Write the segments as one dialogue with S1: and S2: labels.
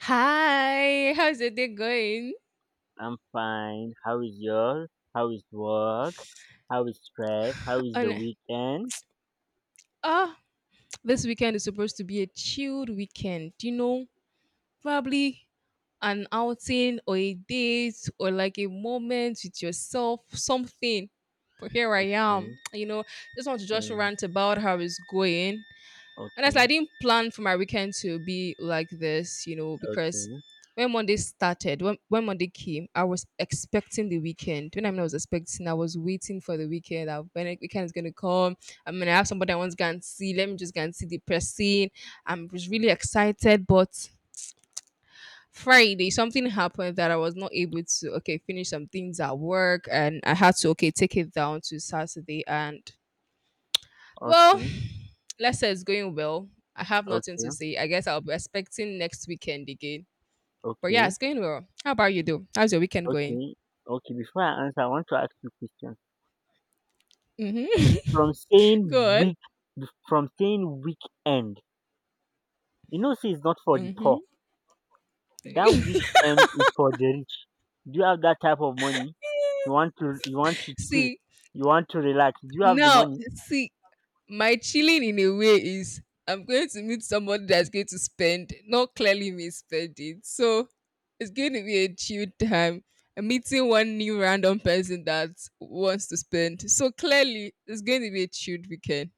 S1: Hi, how's your day going?
S2: I'm fine. How is yours? How is work? How is stress? How is the
S1: And
S2: weekend?
S1: ah, this weekend is supposed to be a chilled weekend. You know, probably an outing or a date or like a moment with yourself, something. But here I am.
S2: Mm,
S1: You know, just want to just
S2: mm,
S1: rant about how it's going. Honestly, I
S2: okay,
S1: didn't plan for my weekend to be like this, you know, because
S2: okay,
S1: when Monday started, when Monday came, I was expecting the weekend. When I mean I was expecting, I was waiting for the weekend. That when the weekend is gonna come, I mean I have somebody I want to go and see. Let me just go and see the person. I was really excited, but Friday something happened that I was not able to okay finish some things at work, and I had to okay take it down to Saturday and well,
S2: okay,
S1: let's say it's going well. I have nothing
S2: okay,
S1: to say. I guess I'll be expecting next weekend again. But yeah,
S2: okay,
S1: it's going well. How about you, though? How's your weekend going?
S2: okay, okay. Before I answer, I want to ask you a question.
S1: Mm-hmm.
S2: From saying
S1: Good.
S2: week, from saying weekend, see, it's not for the
S1: Mm-hmm.
S2: poor. That weekend is for the rich. Do you have that type of money? You want to chill,
S1: See,
S2: you want to relax. Do you have the
S1: now,
S2: money?
S1: see, my chilling in a way is I'm going to meet somebody that's going to spend, not clearly me spending. So it's going to be a chill time. I'm meeting one new random person that wants to spend. So clearly, it's going to be a chilled weekend.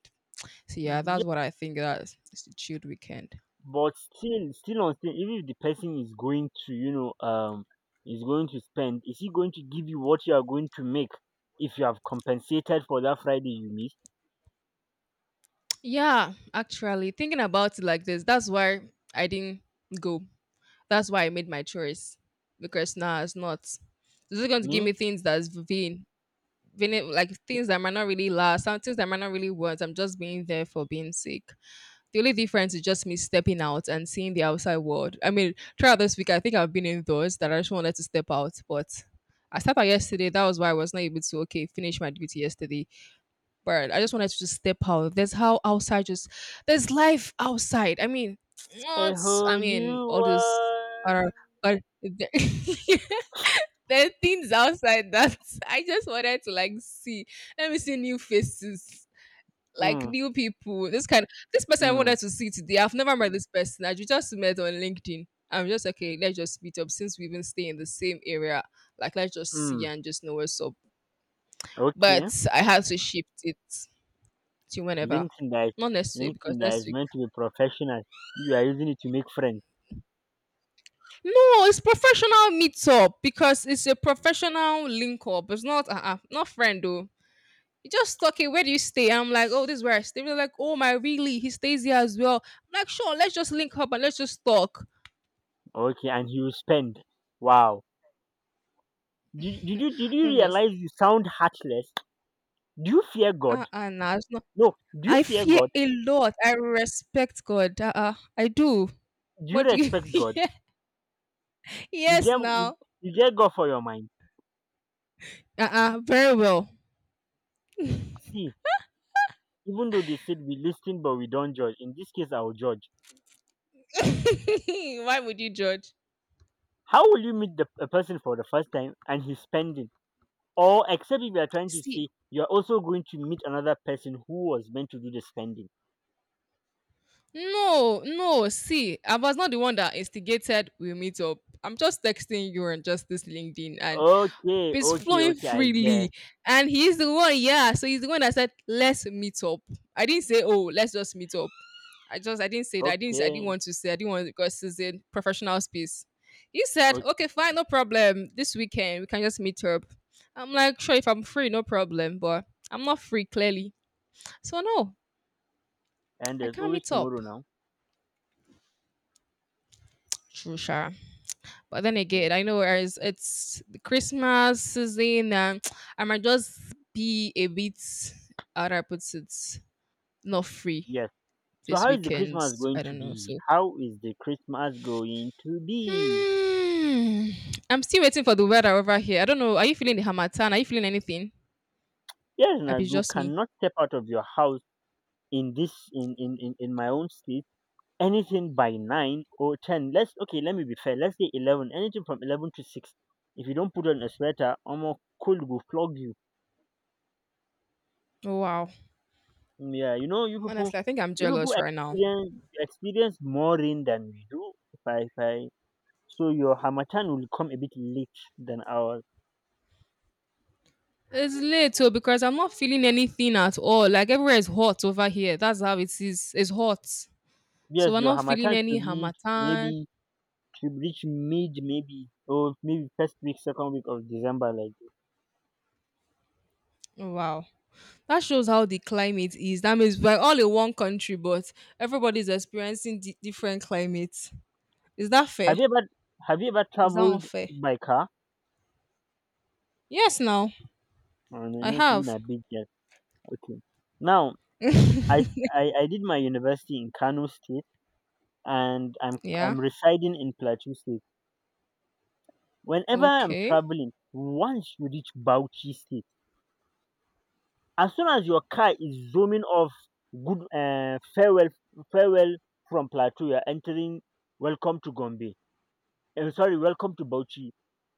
S1: So yeah, that's what I think. That's it's a chilled weekend.
S2: But still even if the person is going to you know is going to spend, is he going to give you what you are going to make if you have compensated for that Friday you missed?
S1: Yeah, actually, thinking about it like this, that's why I didn't go. That's why I made my choice because now it's not. This is going to give
S2: Me?
S1: me things that's vain, vain, like things that might not really last, some things that might not really want. I'm just being there for being sake. The only difference is just me stepping out and seeing the outside world. I mean, throughout this week, I think I've been indoors that I just wanted to step out, but I stepped out yesterday. That was why I was not able to okay finish my duty yesterday. But I just wanted to just step out. There's how outside just there's life outside. I mean,
S2: A
S1: what? I
S2: whole
S1: mean
S2: new
S1: all this
S2: world.
S1: are but there, there are things outside that I just wanted to like see. Let me see new faces, like new people. This kind this
S2: Mm,
S1: person I
S2: mm,
S1: wanted to see today. I've never met this person. I just met on LinkedIn. I'm just okay, let's just meet up since we even stay in the same area. Like let's just see
S2: mm.
S1: and just know what's up. But
S2: Okay.
S1: I had to shift it to whenever.
S2: linkedin that is,
S1: Not next week because
S2: LinkedIn, that
S1: next
S2: is
S1: week.
S2: meant to be professional, you are using it to make friends?
S1: No, it's professional meetup because it's a professional link up. It's not not friend though. You just talk it. Where do you stay? I'm like, oh, this is where I stay. They're like, oh my, really? He stays here as well. I'm like, sure, let's just link up and let's just talk.
S2: Okay, and he will spend. Wow. Did you
S1: I'm just
S2: realize you sound heartless? Do you fear God?
S1: Nah, it's not.
S2: No, do you
S1: I
S2: fear
S1: fear
S2: God?
S1: a lot. I respect God. I do.
S2: Do you
S1: What do you?
S2: respect God?
S1: Yeah.
S2: you
S1: Yes,
S2: get you,
S1: now.
S2: you get God for your mind?
S1: Very well.
S2: See, even though they said we listen but we don't judge, in this case I'll judge.
S1: Why would you judge?
S2: How will you meet the a person for the first time and he's spending? Or except if you are trying to
S1: See,
S2: say you're also going to meet another person who was meant to do the spending?
S1: no, no. See, I was not the one that instigated we meet up. I'm just texting you on just this LinkedIn and
S2: Okay,
S1: it's
S2: okay,
S1: flowing
S2: okay, I guess.
S1: freely. And he's the one, yeah. So he's the one that said, let's meet up. I didn't say, oh, let's just meet up. I didn't say that. I didn't
S2: Okay,
S1: want to say I didn't want because it's in professional space. He said, okay,
S2: okay,
S1: fine, no problem. This weekend we can just meet up. I'm like, sure, if I'm free, no problem, but I'm not free clearly. So no,
S2: and
S1: I
S2: there's
S1: can't
S2: always
S1: meet up.
S2: tomorrow now.
S1: True, Sha. But then
S2: Yes,
S1: again, I know as it's the Christmas season, and I might just be a bit, how do I put it, not free
S2: yes. So
S1: this
S2: how is the
S1: weekend.
S2: Christmas going
S1: I
S2: to
S1: don't know.
S2: be?
S1: So,
S2: How is the Christmas going to be?
S1: hmm, I'm still waiting for the weather over here. I don't know. Are you feeling the Hamatan? Are you feeling anything?
S2: Yes,
S1: I
S2: now
S1: be
S2: you
S1: just me.
S2: cannot step out of your house in this in my own state. Anything by 9 or 10, let's okay, let me be fair, let's say 11, anything from 11 to 6, if you don't put on a sweater, almost, cold will flog you.
S1: Oh, wow.
S2: Mm, yeah, you people
S1: Honestly, I think I'm
S2: you people
S1: jealous right now.
S2: experience more rain than we do. If I So your Hamatan will come a bit late than ours.
S1: It's late too because I'm not feeling anything at all. Like everywhere is hot over here. That's how it is. It's hot.
S2: Yes,
S1: So we're
S2: your
S1: not feeling
S2: Hamatan
S1: any hamatan.
S2: should reach mid maybe, or maybe first week, second week of December like this.
S1: Oh, wow. That shows how the climate is. That means we're all in one country, but everybody's experiencing different climates. Is that fair?
S2: have you ever have you ever
S1: Is that
S2: traveled
S1: unfair?
S2: by car?
S1: Yes, now
S2: And I
S1: I
S2: know you
S1: have.
S2: a big girl. Okay. Now I, I did my university in Kano State, and I'm
S1: Yeah.
S2: I'm residing in Plateau State. Whenever I'm
S1: Okay.
S2: traveling, once you reach Bauchi State, as soon as your car is zooming off, good, farewell from Plateau, you're entering. Welcome to Gombe. And sorry, welcome to Bauchi,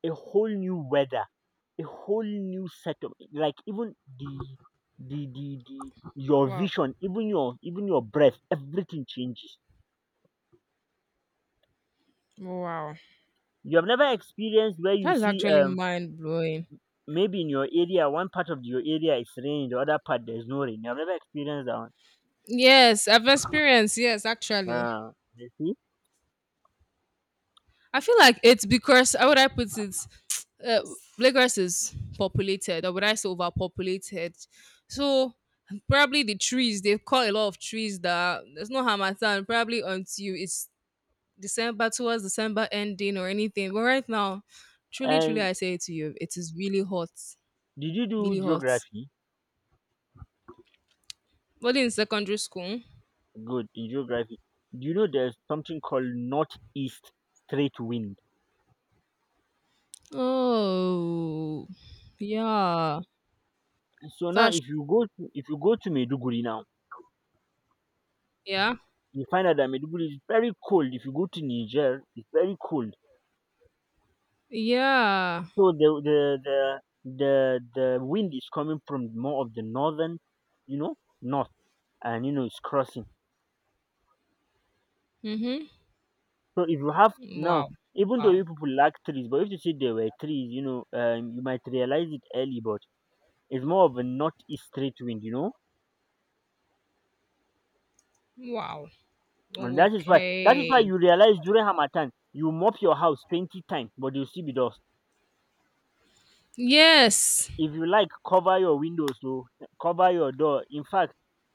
S2: a whole new weather, a whole new set of, like, even the the your
S1: Wow.
S2: vision, even your breath, everything changes.
S1: Wow.
S2: You have never experienced where you
S1: That's
S2: see,
S1: actually mind blowing.
S2: maybe in your area one part of your area is rain, the other part there's no rain. You have never experienced that one.
S1: Yes, I've experienced. Yes, actually.
S2: Ah, you see?
S1: I feel like it's because how would I put it? Uh, Lagos is populated, or would I say overpopulated? So probably the trees they've cut a lot of trees that there's no Hamatan probably until it's December towards December ending or anything. But right now, truly, truly,
S2: And
S1: I say it to you, it is really hot,
S2: did you
S1: really
S2: do
S1: hot.
S2: geography?
S1: But in secondary school,
S2: Good in geography. Do you know there's something called northeast straight wind?
S1: oh yeah,
S2: So now
S1: that's
S2: if you go to Maiduguri now,
S1: yeah,
S2: you find out that Maiduguri is very cold. If you go to Niger, it's very cold.
S1: yeah.
S2: So the wind is coming from more of the northern, you know, north, and you know it's crossing.
S1: Mhm.
S2: So if you have now,
S1: Wow,
S2: even though
S1: wow.
S2: you people lack trees, but if you see there were trees, you might realize it early, but it's more of a northeast straight wind,
S1: Wow.
S2: and that is why
S1: Okay.
S2: you realize during Hamatan you mop your house 20 times, but you will still be dust.
S1: Yes.
S2: If you like cover your windows, oh, cover your door. In fact,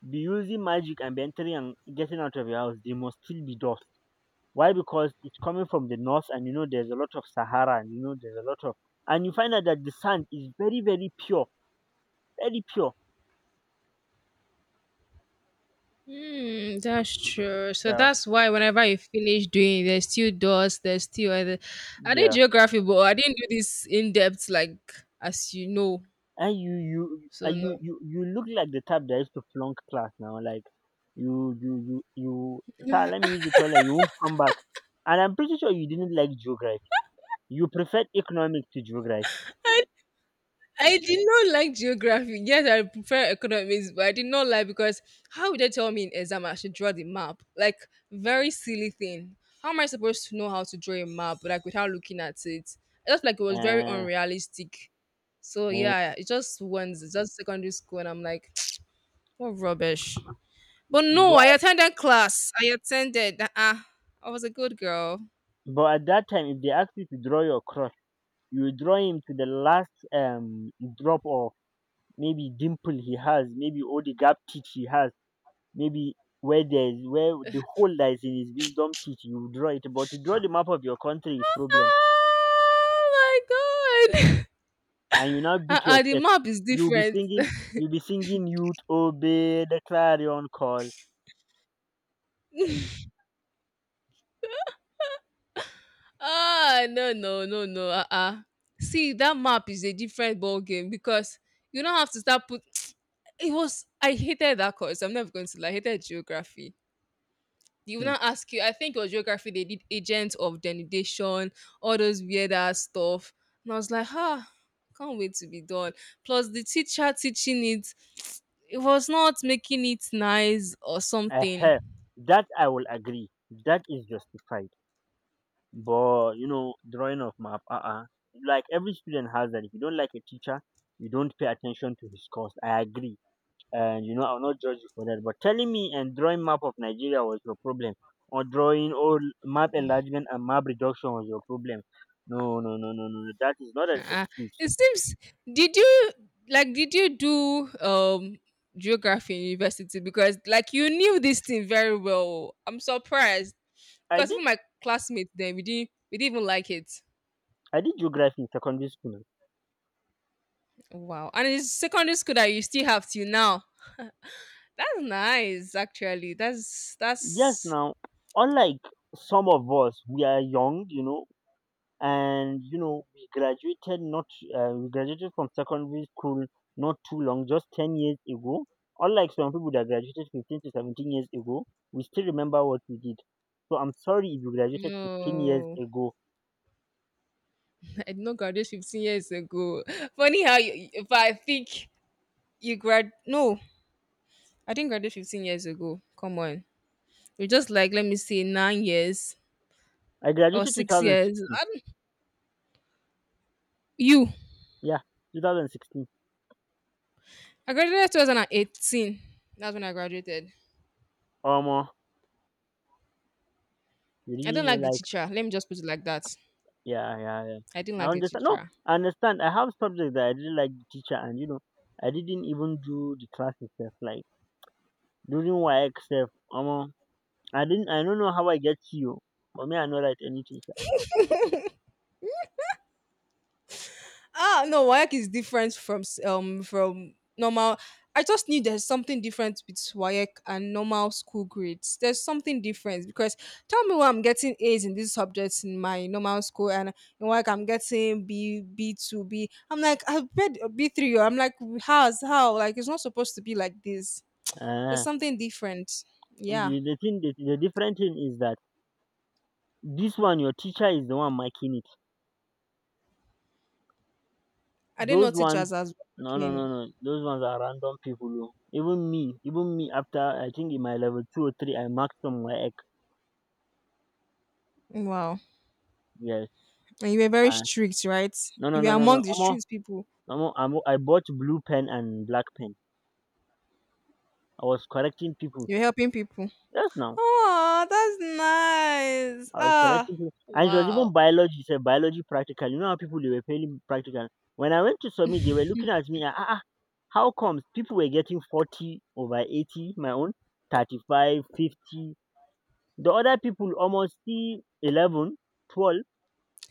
S2: be using magic and be entering and getting out of your house, there must still be dust. Why? Because it's coming from the north and you know there's a lot of Sahara, and you know there's a lot of, and you find out that the sand is very, very pure. Very pure.
S1: Hmm. That's true. So
S2: Yeah.
S1: that's why whenever you finish doing, it, there's still doors, there's still other. I did
S2: Yeah.
S1: geography, but I didn't do this in depth like as you know.
S2: And you you
S1: So
S2: and
S1: no.
S2: you you, you look like the type that used to flunk class now, like, you sir, let me use the toilet, you won't come back. And I'm pretty sure you didn't like geography. You preferred economics to geography.
S1: I did not like geography. Yes, I prefer economics, but I did not like because how would they tell me in exam I should draw the map? Like very silly thing. How am I supposed to know how to draw a map like without looking at it? I just like it was very
S2: um
S1: unrealistic. So
S2: um
S1: yeah, it just once, it's just secondary school, and I'm like, what rubbish. But no, I
S2: but
S1: attended class. I attended. Uh-uh. I was a good girl.
S2: but at that time if they ask you to draw your crush, you draw him to the last drop of maybe dimple he has, maybe all the gap teeth he has, maybe where the hole that is in his wisdom teeth, you draw it. But to draw the map of your country is problem,
S1: Oh my god.
S2: and you now beat your
S1: Uh-uh, the
S2: chest.
S1: map is
S2: you will be
S1: different.
S2: singing you'll be singing, "Youth, obey the clarion call."
S1: Ah, no, no, no, no. Uh-uh. See, that map is a different ball game because you don't have to start put. It was I hated that course. I'm never going to lie. I hated geography. They will
S2: Hmm.
S1: not ask you. I think it was geography. They did agents of denudation, all those weird ass stuff, and I was like, ah, can't wait to be done. Plus, the teacher teaching it, it was not making it nice or something.
S2: uh that I will agree, that is justified. But drawing of map, like every student has that. If you don't like a teacher, you don't pay attention to his course. I agree. And I'll not judge you for that. But telling me and drawing map of Nigeria was your problem. Or drawing, or map enlargement and map reduction was your problem. No, no, no, no, no. No. That is not an
S1: uh
S2: excuse.
S1: It seems. Did you like? Did you do geography in university? Because like you knew this thing very well. I'm surprised
S2: I
S1: because
S2: did
S1: even my classmates then we didn't even like it.
S2: I did geography in secondary school.
S1: Wow! And it's secondary school that you still have till now. That's nice, actually. That's
S2: Yes
S1: that's.
S2: now, unlike some of us, we are young, and you know we graduated, not we graduated from secondary school not too long, just 10 years ago, unlike some people that graduated 15 to 17 years ago. We still remember what we did. So I'm sorry if you graduated 15 years
S1: No,
S2: ago.
S1: I did not graduate 15 years ago. Funny how you, if I think you grad, no, I didn't graduate 15 years ago. Come on. You're just like, let me see, 9 years
S2: I
S1: or
S2: graduated
S1: 6 years.
S2: 2016.
S1: I don't- you.
S2: Yeah, 2016
S1: I graduated 2018. That's when I graduated.
S2: or more. You
S1: I do
S2: really
S1: not
S2: know,
S1: like the
S2: like,
S1: teacher. Let me just put it like that.
S2: yeah, yeah, yeah,
S1: I didn't like
S2: I
S1: the
S2: understand. No,
S1: teacher.
S2: I understand, I have subjects that I didn't like the teacher, and you know I didn't even do the class itself, like, during work self. I don't know how I get you, but me I no write anything sha.
S1: Ah, no, Waec is different from from normal. I just knew there's something different with Waec and normal school grades. There's something different because tell me why I'm getting A's in these subjects in my normal school and in Waec I'm getting B B two B. I'm like I've read B three. Oh, I'm like how's how like it's not supposed to be like this. There's
S2: Ehen.
S1: something different.
S2: The
S1: Yeah,
S2: the thing the, the different thing is that this one your teacher is the one marking it.
S1: I didn't know
S2: Those
S1: teachers
S2: ones,
S1: as
S2: no, no, no,
S1: working.
S2: no, those ones are random people, oh. Even me after, I think in my level two or three I marked some work.
S1: Wow,
S2: Yes.
S1: and you were very
S2: Uh,
S1: strict, right?
S2: no, no,
S1: You were
S2: no, no, no.
S1: among the
S2: Omo,
S1: street people.
S2: omo, omo, I bought blue pen and black pen. I was correcting people.
S1: You're helping people.
S2: Yes now.
S1: Oh, that's nice.
S2: I was
S1: Ah,
S2: correcting people, and it was even
S1: wow.
S2: biology, sir, biology practical. You know how people they were failing practical. When I went to submit, they were looking at me. Ah, ah, ah, how comes people were getting 40 over 80? My own 35, 50. The other people almost see 11, 12.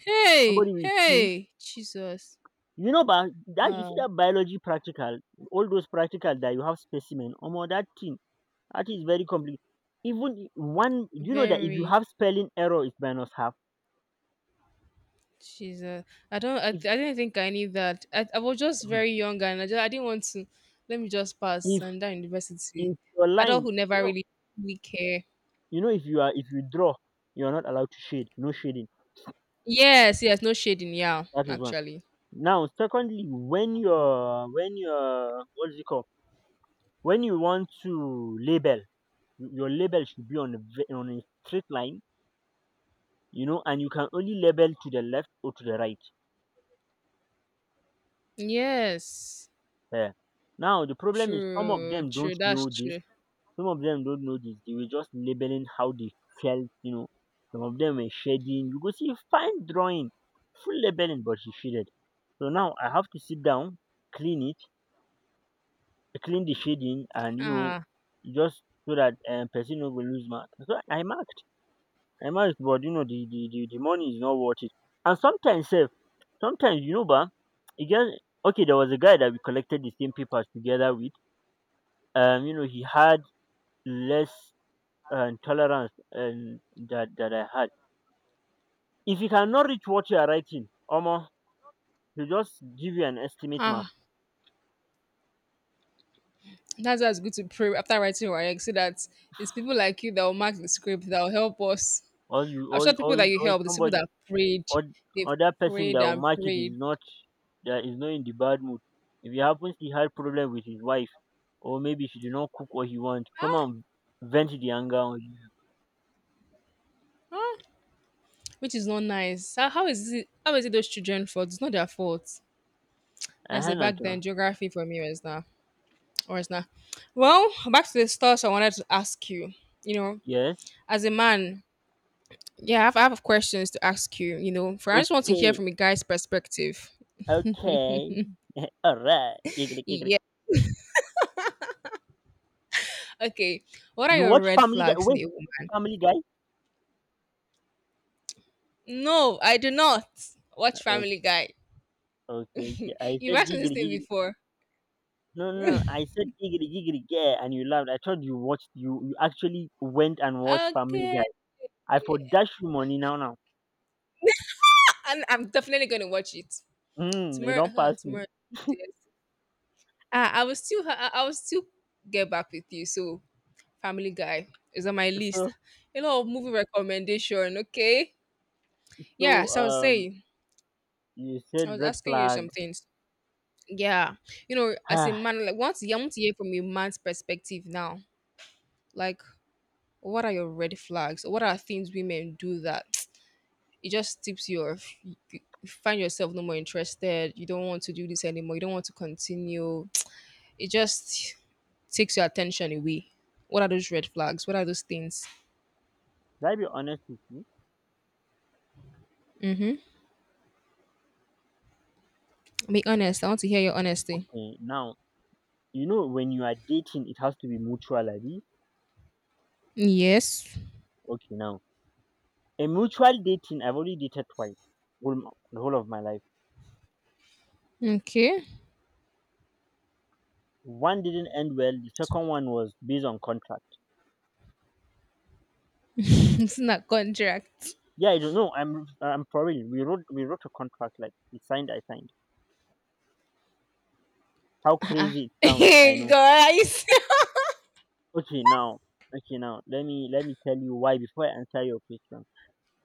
S1: Hey,
S2: Somebody with two.
S1: hey, Jesus.
S2: You know, but that you see
S1: Um,
S2: that biology practical, all those practical that you have specimen, almost that thing. That is very complicated. Even one, you know that if you
S1: Very
S2: have spelling error, it's minus half.
S1: Jesus. I don't. I
S2: If
S1: didn't think I need that. I was just very young and I didn't want to. Let me just pass
S2: if
S1: and that university.
S2: If your line,
S1: Adulthood
S2: you
S1: never
S2: know
S1: really we care.
S2: if you draw, you are not allowed to shade, no shading.
S1: Yes, yes. No shading. Yeah,
S2: That is one.
S1: actually.
S2: Now secondly, when you're what is it called? When you want to label, your label should be on a straight line, you know, and you can only label to the left or to the right.
S1: Yes.
S2: Yeah. Now the problem is some of
S1: True.
S2: them
S1: True.
S2: don't
S1: That's
S2: know this.
S1: true.
S2: Some of them don't know this. They were just labeling how they felt. Some of them were shading. You go see fine drawing, full labeling, but she shaded. So now I have to sit down, clean it, clean the shading, and
S1: Ah.
S2: just so that person no go lose mark. So I marked, but the money is not worth it. And sometimes, sef, sometimes ba, it just okay. There was a guy that we collected the same papers together with. He had less tolerance, that I had. If you cannot reach what you are writing, almost, he just give you an estimate mark,
S1: Ah. That's why it's good to pray after writing your egg so that it's people like you that will mark the script that will help us.
S2: or you
S1: I'm
S2: or
S1: sure
S2: or,
S1: people that you
S2: or
S1: help, the people
S2: somebody,
S1: that prayed,
S2: or
S1: they've
S2: other person that
S1: prayed
S2: will
S1: and
S2: match it, is
S1: prayed.
S2: not, that is not in the bad mood. If he happens he had problem with his wife, or maybe she did not cook what he want, come
S1: Ah,
S2: on, vent the anger on you.
S1: ah, which is not nice. How is it? How is it those children' fault? It's not their fault.
S2: Uh
S1: Let's say
S2: huh,
S1: back then
S2: Nathan.
S1: geography for me was not or it's not. Well, back to the stuff I wanted to ask you. You know,
S2: Yes.
S1: as a man, yeah, I have questions to ask you. You know, for I just want to hear
S2: Okay.
S1: from a guy's perspective.
S2: Okay. Alright.
S1: Okay. What are
S2: You
S1: your
S2: watch
S1: red
S2: Family Guy.
S1: flags in
S2: Wait.
S1: a
S2: You watch
S1: woman?
S2: Family Guy.
S1: No, I do not watch Family
S2: Okay.
S1: Guy.
S2: Okay. Okay. I
S1: You've
S2: said
S1: asked me this
S2: giggity
S1: thing
S2: giggity.
S1: before.
S2: No, no, no. I said giggity giggity. Yeah, and you laughed. I thought you watched. You actually went and watched Family
S1: Okay.
S2: Guy. I for dash you money now now.
S1: And I'm definitely gonna watch it
S2: Mm, they
S1: tomorrow.
S2: don't pass you.
S1: Tomorrow. Yes. I will still get back with you. So Family Guy is on my list.
S2: So
S1: A lot of movie recommendation. Okay. Yeah.
S2: so,
S1: So I was
S2: um,
S1: saying,
S2: you
S1: I
S2: said
S1: was
S2: red
S1: asking you
S2: flag.
S1: some things. Yeah. You know, as
S2: Should
S1: a man, like, once you want to hear from a man's perspective now, like, what are your red flags? What are things women do that it just tips you off? You find yourself no more interested. You don't want to do this anymore. You don't want to continue. It just takes your attention away. What are those red flags? What are those things?
S2: I be honest with you?
S1: Mm-hmm. Be honest. I want to hear your honesty.
S2: Okay, now, you know when you are dating, it has to be mutual, abi?
S1: Yes.
S2: Okay, now, a mutual dating, I've only dated twice, whole m the whole of my life.
S1: Okay.
S2: One didn't end well, the second one was based on contract.
S1: It's not contract.
S2: Yeah, I don't know, I'm for real. We wrote a contract, like, we signed, I signed. How
S1: Uh-uh.
S2: crazy it sounds, I know.
S1: Guys.
S2: Okay, now okay, now, let me tell you why before I answer your question.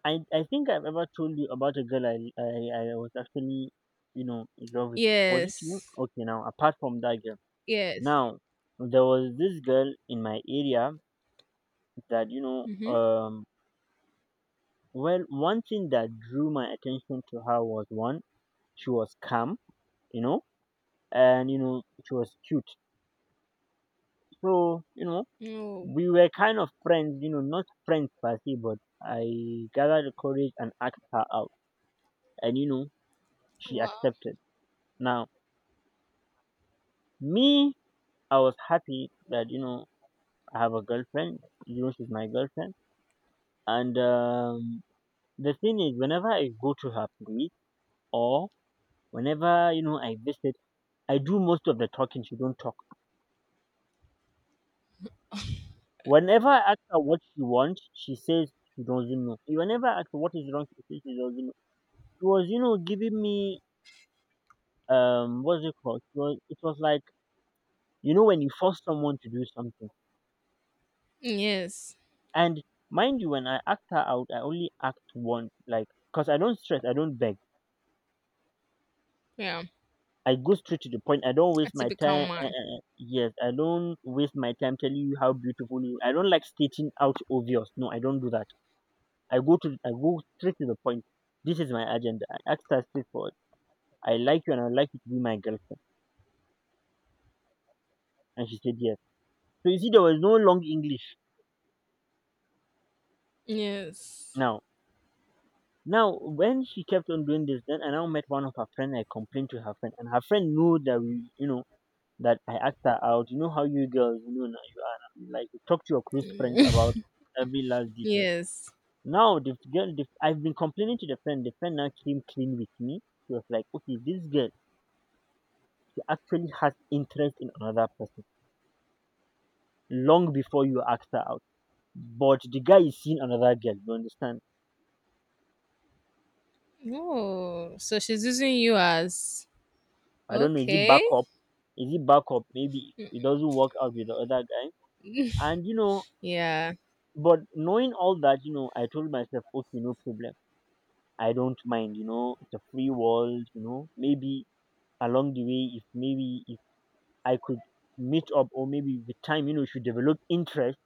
S2: I think I've ever told you about a girl I was actually in love with. Was it you?
S1: Yes.
S2: Okay, now apart from that girl,
S1: Yes.
S2: now there was this girl in my area that you know.
S1: Mm-hmm.
S2: Um, well, one thing that drew my attention to her was one, she was calm, you know, and she was cute. So
S1: Oh,
S2: we were kind of friends, not friends per se, but I gathered the courage and asked her out, and she
S1: wow.
S2: accepted. Now me I was happy that I have a girlfriend. You know she's my girlfriend. And the thing is, whenever I go to her place or whenever I visit, I do most of the talking. She don't talk. Whenever I ask her what she wants, she says she doesn't know. Whenever I ask her what is wrong, she says she doesn't know. She was giving me what's it called? It was like when you force someone to do something.
S1: Yes.
S2: And mind you, when I act her out, I only act once, like because I don't stress, I don't beg.
S1: Yeah.
S2: I go straight to the point. I don't
S1: A
S2: waste my
S1: typical
S2: time.
S1: man.
S2: Yes, I don't waste my time telling you how beautiful you. I don't like stating out obvious. No, I don't do that. I go straight to the point. This is my agenda. I asked her straightforward. I like you and I'd like you to be my girlfriend. And she said yes. So you see, there was no long English.
S1: Yes.
S2: Now, now, when she kept on doing this, then I now met one of her friend. I complained to her friend, and her friend knew that we, that I asked her out. You know how you girls, now you are like you talk to your close friends about every last detail.
S1: Yes.
S2: Now the girl, I've been complaining to the friend. The friend now came clean with me. She was like, "Okay, this girl, she actually has interest in another person long before you asked her out, but the guy is seeing another girl." You understand?
S1: Oh, so she's using you as
S2: I don't know. Is it
S1: okay.
S2: backup? Is it backup? Maybe it doesn't work out with the other guy. And
S1: Yeah.
S2: but knowing all that, I told myself, okay, no problem. I don't mind, it's a free world. Maybe along the way if maybe if I could meet up or maybe with time, she develop interest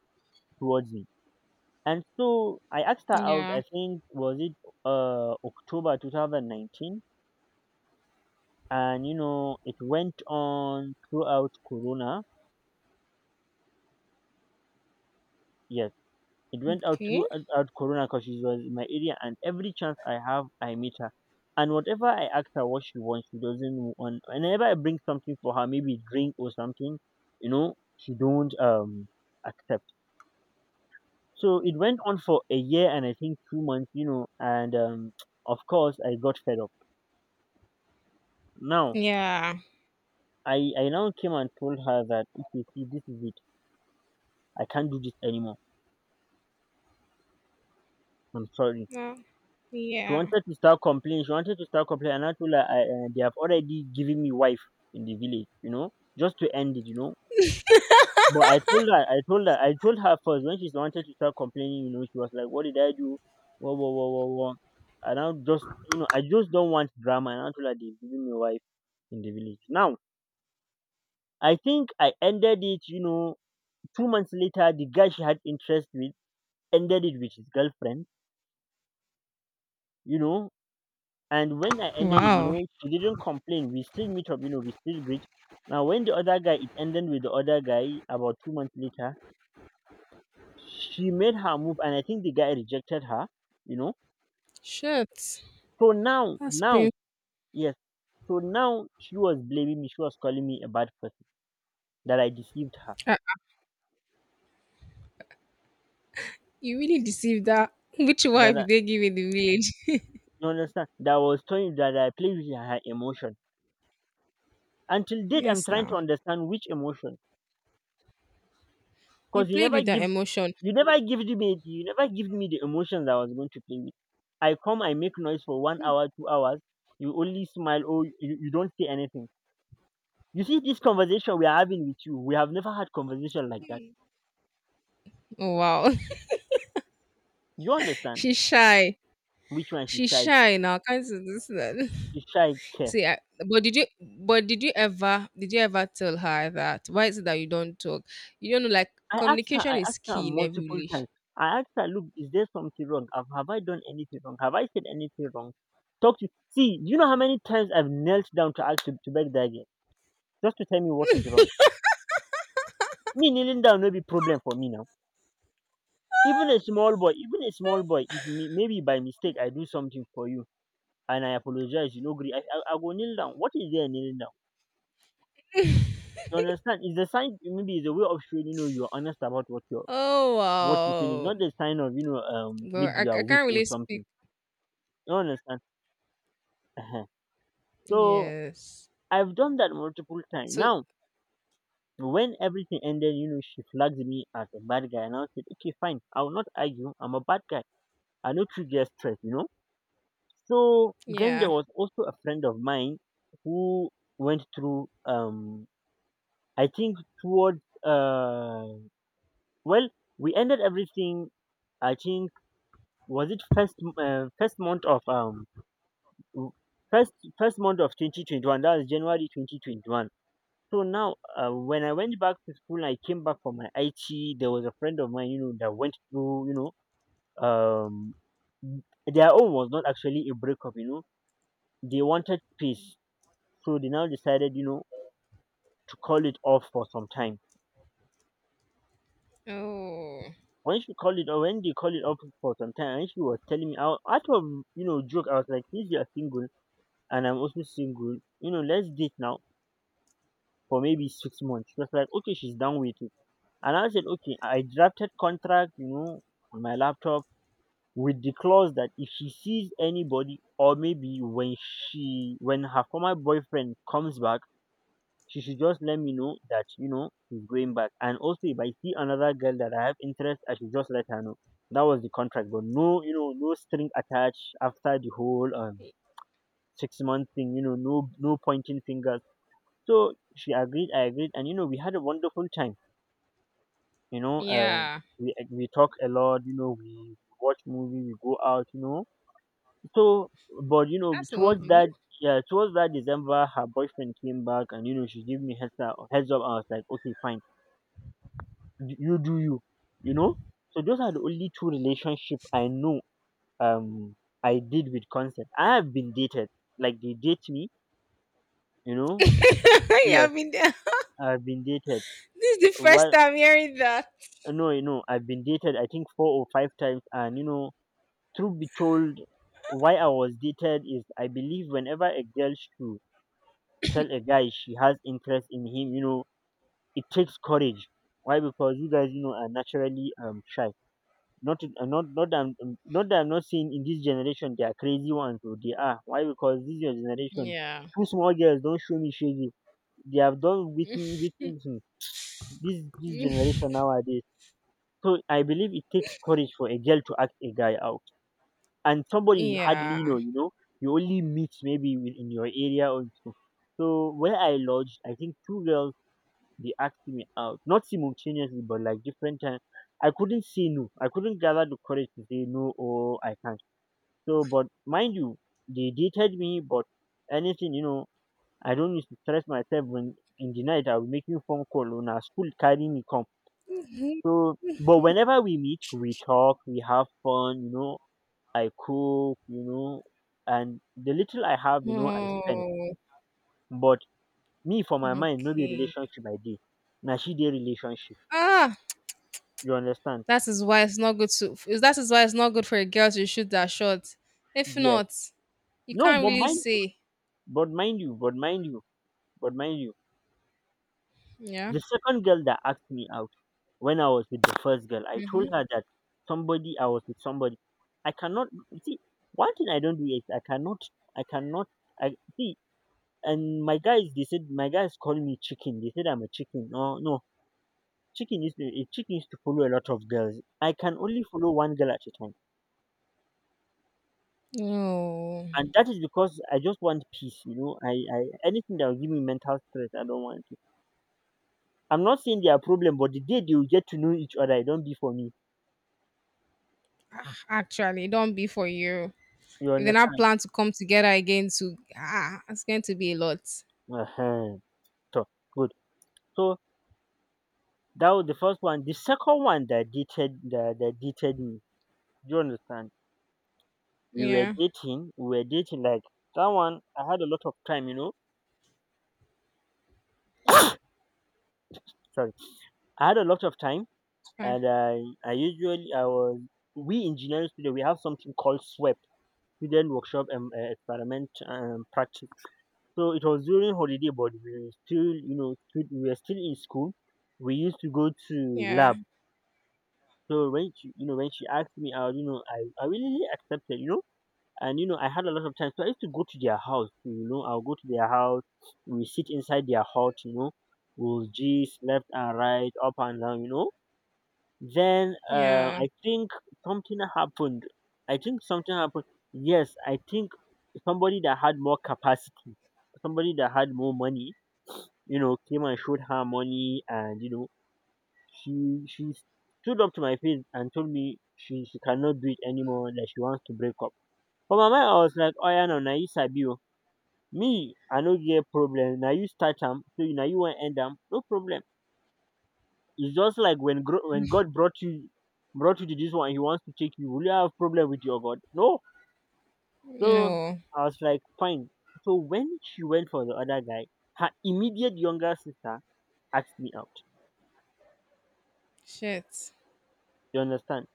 S2: towards me. And so I asked her out,
S1: Yeah.
S2: I think was it October 2019? And it went on throughout Corona. Yes. It went out
S1: Okay.
S2: throughout Corona because she was in my area, and every chance I have, I meet her. And whatever I ask her what she wants, she doesn't want. Whenever I bring something for her, maybe drink or something, she don't accept. So it went on for a year and I think 2 months, and of course I got fed up. Now
S1: Yeah.
S2: I now came and told her that okay, see, this is it. I can't do this anymore. I'm sorry.
S1: Uh,
S2: She
S1: yeah.
S2: wanted to start complaining. She wanted to start complaining. And I told her, they have already given me wife in the village, just to end it. But I told her, I told her, I told her first when she wanted to start complaining, she was like, what did I do? Whoa, whoa, whoa, whoa, whoa. And I just, I just don't want drama. And I told her, they've given me wife in the village. Now, I think I ended it, 2 months later, the guy she had interest with ended it with his girlfriend, you know, and when I ended it,
S1: Wow.
S2: she didn't complain. We still meet up, we still greet. Now, when the other guy, it ended with the other guy about 2 months later, she made her move, and I think the guy rejected her, you know.
S1: Shit.
S2: So now,
S1: That's
S2: now,
S1: pain.
S2: yes, so now she was blaming me. She was calling me a bad person, that I deceived her,
S1: Uh, you really deceived that. Which wife
S2: that I,
S1: did they give in the village?
S2: you understand, that I was telling that I played with her emotion. Until date, I'm
S1: Yes,
S2: trying to
S1: now.
S2: understand which emotion,
S1: You
S2: because you
S1: played
S2: never
S1: with her
S2: give
S1: emotion.
S2: You never give me you never give me the emotions I was going to play with. I come, I make noise for 1 hour, 2 hours. You only smile or you don't say anything. You see this conversation we are having with you. We have never had conversation like that.
S1: Oh, wow.
S2: You understand
S1: She's shy.
S2: which one she
S1: She's
S2: shy?
S1: shy now. Can't do this.
S2: She shy care.
S1: See, I, but did you ever tell her that? Why is it that you don't talk? You don't know, like,
S2: I asked her.
S1: communication
S2: I
S1: is
S2: asked her
S1: key in every
S2: multiple
S1: relation.
S2: times. I asked her, look, is there something wrong? Have I done anything wrong? Have I said anything wrong? Talk to. See, you know how many times I've knelt down to ask to beg that girl just to tell me what is wrong. Me kneeling down no be problem for me now. Even a small boy, even a small boy, if me, maybe by mistake I do something for you and I apologize, agree, I go kneel down. What is there kneeling down? You understand? It's the sign, maybe it's a way of showing, you're honest about
S1: Oh,
S2: what you feel. It's not
S1: wow.
S2: the sign of,
S1: Well, I,
S2: maybe you are
S1: I
S2: weak
S1: can't
S2: or
S1: really
S2: something.
S1: speak.
S2: You understand? Ehen. So
S1: Yes.
S2: I've done that multiple times.
S1: So
S2: Now, when everything ended, she flagged me as a bad guy and I said, okay, fine, I will not argue. I'm a bad guy. I know you get stress. So then there
S1: yeah.
S2: was also a friend of mine who went through I think towards well we ended everything I think was it w- first first month of 2021, that was January 2021. So now when I went back to school and I came back from my IT there was a friend of mine that went through um their own was not actually a breakup, they wanted peace, so they now decided to call it off for some time.
S1: Oh
S2: When they called it off for some time, and she was telling me out of joke, I was like, since you are single and I'm also single, let's date now for maybe 6 months. She was like, okay, she's down with it, and I said, okay, I drafted contract, on my laptop, with the clause that if she sees anybody or maybe when her former boyfriend comes back, she should just let me know that she's going back. And also, if I see another girl that I have interest, I should just let her know. That was the contract, but no, no string attached after the whole
S1: y-
S2: 6 month thing. No pointing fingers. So she agreed, I agreed, and we had a wonderful time. You know, um,
S1: yeah.
S2: we talk a lot. We watch movie, we go out. So but
S1: That's
S2: towards
S1: lovely.
S2: that yeah, towards that December, her boyfriend came back, and she gave me heads up. Heads up, I was like, okay, fine, you do you, you know so those are the only two relationship I know. um I did with consent. I have been dated, like they date me, you know
S1: Yeah, I
S2: yes,
S1: mean, this
S2: I've been dated.
S1: is the first
S2: Well,
S1: time hearing that.
S2: no, no, I've been dated I think four or five times, and truth be told, why I was dated is I believe whenever a girl should tell a guy she has interest in him, it takes courage. Why? Because you guys are naturally shy. Not not not that I'm not saying in this generation they are crazy ones. Or they are why because this is your generation.
S1: Yeah.
S2: Two small girls don't show me shady. They have done with this generation nowadays. So I believe it takes courage for a girl to ask a guy out, and somebody you hardly
S1: Yeah.
S2: know. You only meet maybe within your area or two. So where I lodged, I think two girls they asked me out, not simultaneously, but like different times. I couldn't say no. I couldn't gather the courage to say no or I can't. So, but mind you, they dated me, but anything, I don't need to stress myself when in the night I'll make you phone call when our school carry me come. So, but whenever we meet, we talk, we have fun, I cook, and the little I have, I spend.
S1: Oh,
S2: But me for my mind, no be
S1: okay.
S2: relationship I dey. Na she dey relationship.
S1: Ah,
S2: You understand?
S1: That is why it's not good for a girl to shoot that shot. If
S2: Yes.
S1: not, you
S2: No,
S1: can't
S2: but
S1: really
S2: mind you,
S1: say.
S2: but mind you, but mind you, but mind you.
S1: Yeah.
S2: The second girl that asked me out when I was with the first girl, I
S1: Mm-hmm.
S2: told her that somebody I was with somebody. I cannot see One thing I don't do is I cannot I cannot I see and my guys call me chicken. They said I'm a chicken. No, no. chicken is a chicken is to follow a lot of girls. I can only follow one girl at a time.
S1: No,
S2: And that is because I just want peace. I Anything that will give me mental stress, I don't want it. I'm not saying they are problem, but the day they will get to know each other, it don't be for me.
S1: ah, actually, it don't be for you.
S2: You
S1: If they not
S2: understand?
S1: plan to come together again, to ah, it's going to be a lot.
S2: Uh huh. So good. So that was the first one. The second one that dated me. Do you understand? We were
S1: Yeah.
S2: dating. We were dating like that one. I had a lot of time. Sorry, I had a lot of time,
S1: Ah,
S2: and I usually I was we engineering student we have something called SWEP, student workshop and experiment practice. So it was during holiday, but we were still you know still, we were still in school. We used to go to
S1: yeah.
S2: lab. So when she asked me out, I really really accepted, and I had a lot of time. So I used to go to their house, I'll go to their house. We sit inside their hut, we'll gist left and right, up and down. Then
S1: Yeah.
S2: I think something happened. I think something happened. Yes, I think somebody that had more capacity, somebody that had more money, came and showed her money, and she stood up to my face and told me she cannot do it anymore, that she wants to break up. For my mind, I was like, oh yeah, no, na you sabi o. Me, I no get problem. Na you start am, so na you want end am. No problem. It's just like when God brought you to this one. He wants to take you. Will you have problem with your God? No. So
S1: No.
S2: I was like, fine. So when she went for the other guy, her immediate younger sister asked me out.
S1: Shit.
S2: You understand?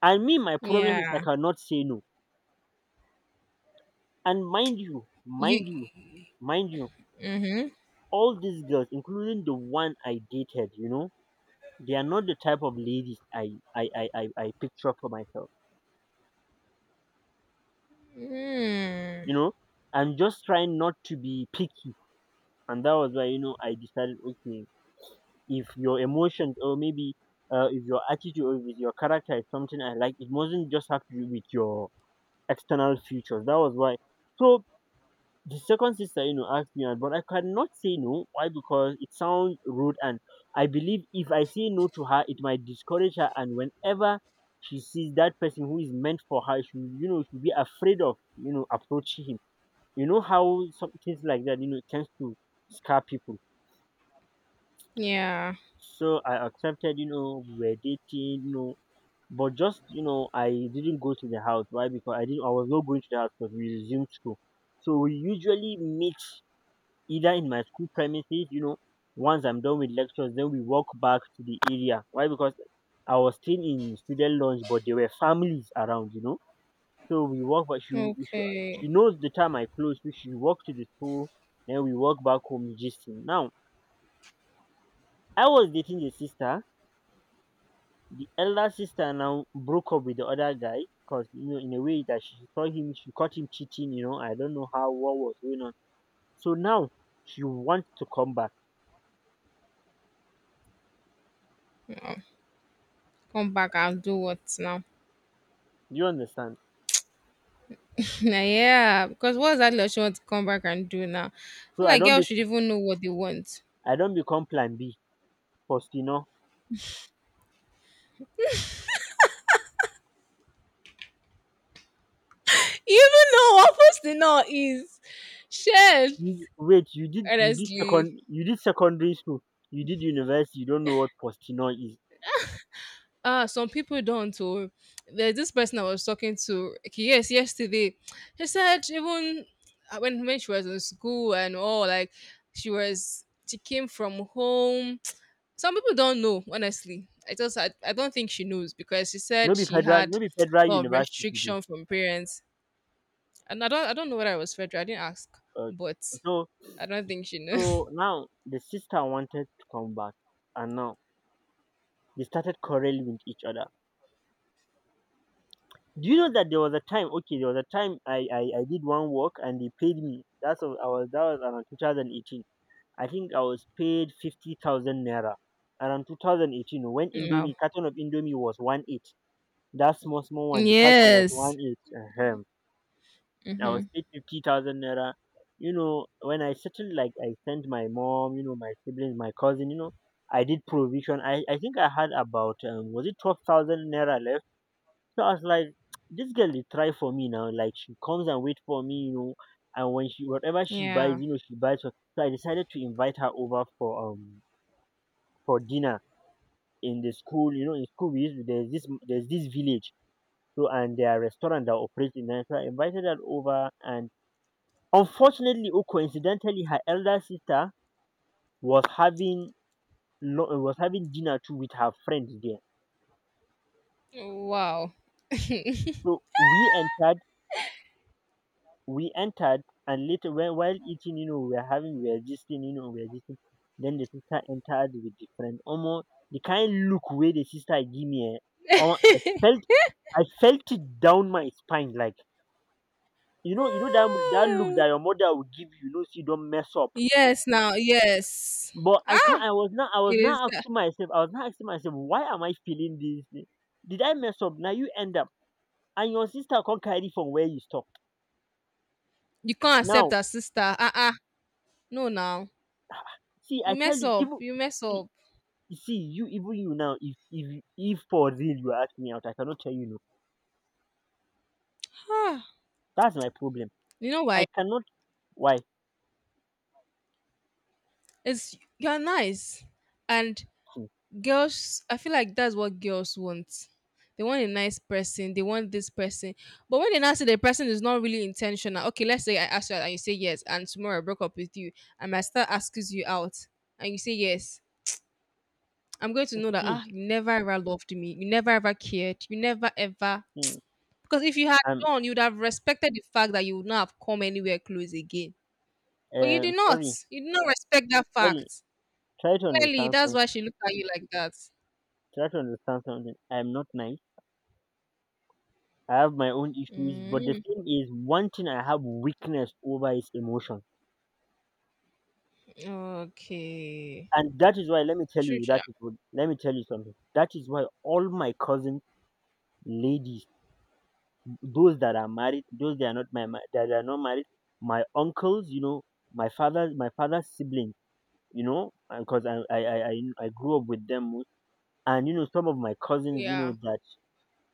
S2: And me, my problem is I
S1: Yeah.
S2: cannot say no. And mind you,
S1: You.
S2: mind you, mind you,
S1: Mm-hmm.
S2: all these girls, including the one I dated, they are not the type of ladies I picture for myself.
S1: Mm.
S2: You know, I'm just trying not to be picky, and that was why I decided, okay, if your emotions or maybe if your attitude or if your character is something I like, it mustn't just have to do with your external features. That was why. So the second sister asked me out, but I cannot say no. Why? Because it sounds rude, and I believe if I say no to her, it might discourage her, and whenever she sees that person who is meant for her, she will, she'll be afraid of approaching him. You know how some things like that tends to scare people.
S1: Yeah.
S2: So I accepted, we were dating, you know. But just, I didn't go to the house why because I was not going to the house because we resumed school. So we usually meet either in my school premises, once I'm done with lectures, then we walk back to the area. Why? Because I was still in student lounge, but there were families around. So we walk, but she,
S1: Okay.
S2: she knows the time I close, so she walked to the school, then we walk back home, gisting. Now, I was dating the sister. The elder sister now broke up with the other guy because, in a way that she saw him, she caught him cheating. I don't know how, what was going on. So now she wants to come back.
S1: Come back. I'll do what now?
S2: Do you understand?
S1: Nah, yeah, because what's that that she wants to come back and do now? I
S2: So
S1: feel
S2: I
S1: like
S2: don't be.
S1: girls should even know what they want.
S2: I don't become plan B Faustino. You- know.
S1: You even know what first posting now is. Share.
S2: Wait,
S1: Honestly.
S2: you did secondary school, you did university, you don't know what Postino is.
S1: Ah, some people don't. Oh, there's this person I was talking to, okay, yes, yesterday, she said even when she was in school and all, like, she came from home. Some people don't know. Honestly, I don't think she knows because she said
S2: No be
S1: she
S2: federal
S1: had
S2: no be federal
S1: a lot of
S2: university she do.
S1: restriction from parents. And I don't know whether I was Fredra. I didn't ask,
S2: Uh,
S1: but
S2: so
S1: I don't think she knows.
S2: so now the sister wanted to come back, and now they started quarreling with each other. Do you know that there was a time, okay, there was a time I did one work and they paid me? That was around 2018. I think I was paid 50,000 naira around 2018 when
S1: No.
S2: Indomie, carton of Indomie was one eight. That small, small one, the carton was
S1: Yes.
S2: one eight. Ahem. I
S1: Mm-hmm.
S2: was paid 50,000 naira. You know, when I settled, like I sent my mom, my siblings, my cousin, I did provision. I think I had about, was it 12,000 naira left? So I was like, this girl they try for me now. Like she comes and wait for me, and whatever she buys,
S1: Yeah.
S2: you know, she buys for. So I decided to invite her over for dinner in the school. In school we used to, there's this village. So and there are restaurant that operates in there. So I invited her over, and unfortunately or coincidentally, her elder sister was having was having dinner too with her friends there.
S1: Wow.
S2: So we entered and later, when while eating, we were gisting. Then the sister entered with the friend. Almost the kind look where the sister give me, eh, omo, I felt it down my spine like. You know that look
S1: Oh,
S2: that your mother will give you, so you don't mess up.
S1: yes. Now. Yes.
S2: But I can't.
S1: Ah.
S2: I
S1: It
S2: was
S1: is
S2: not
S1: that.
S2: asking myself. I was not asking myself, why am I feeling this thing? Did I mess up? Now you end up, and your sister can't carry from where you stop.
S1: You can't accept
S2: Now,
S1: her sister. No. Now.
S2: see,
S1: You
S2: I tell
S1: mess
S2: you,
S1: up.
S2: even
S1: You mess
S2: see,
S1: up.
S2: you, even you now, if for real you ask me out, I cannot tell you no.
S1: Ah.
S2: That's my problem.
S1: You know
S2: I
S1: why?
S2: cannot. Why?
S1: It's you're nice, and
S2: See,
S1: girls, I feel like that's what girls want. They want a nice person, they want this person, but when they now say the person is not really intentional, okay, let's say I ask you out and you say yes, and tomorrow I broke up with you, and my star asks you out and you say yes, I'm going to know that ah,
S2: see,
S1: you never ever loved me, you never ever cared, you never ever,
S2: see,
S1: because if you had
S2: I'm
S1: done, you would have respected the fact that you would not have come anywhere close again, but you did not,
S2: sorry,
S1: you did not respect that
S2: sorry.
S1: fact
S2: Try to
S1: clearly.
S2: understand
S1: That's
S2: something.
S1: why she looked at you like that.
S2: Try to understand something. I'm not nice. I have my own issues, but the
S1: Mm.
S2: thing is, one thing I have weakness over is emotion.
S1: Okay.
S2: And that is why, let me tell
S1: True.
S2: you, let me tell you something. That is why all my cousins, ladies, those that are married, those that are not that are not married, my uncles, my father's siblings, you know, because I grew up with them, most. And some of my cousins,
S1: Yeah.
S2: that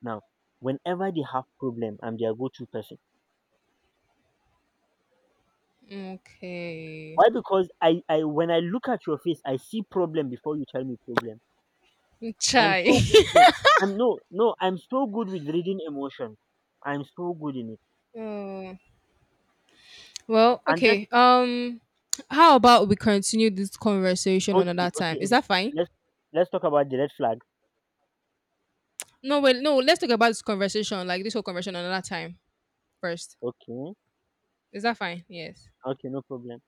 S2: now, whenever they have problem, I'm their go-to person.
S1: Okay.
S2: Why? Because I when I look at your face, I see problem before you tell me problem. I'm
S1: Chai.
S2: so good. No, I'm no, no. I'm so good with reading emotions. I'm so good in it.
S1: Oh. Well,
S2: And that
S1: okay. How about we continue this conversation
S2: Okay,
S1: another time?
S2: okay,
S1: Is
S2: okay.
S1: that fine?
S2: Let's talk about the red flag.
S1: No, wait, no, let's talk about this conversation, like, this whole conversation another time first.
S2: Okay,
S1: Is that fine? Yes.
S2: okay, no problem.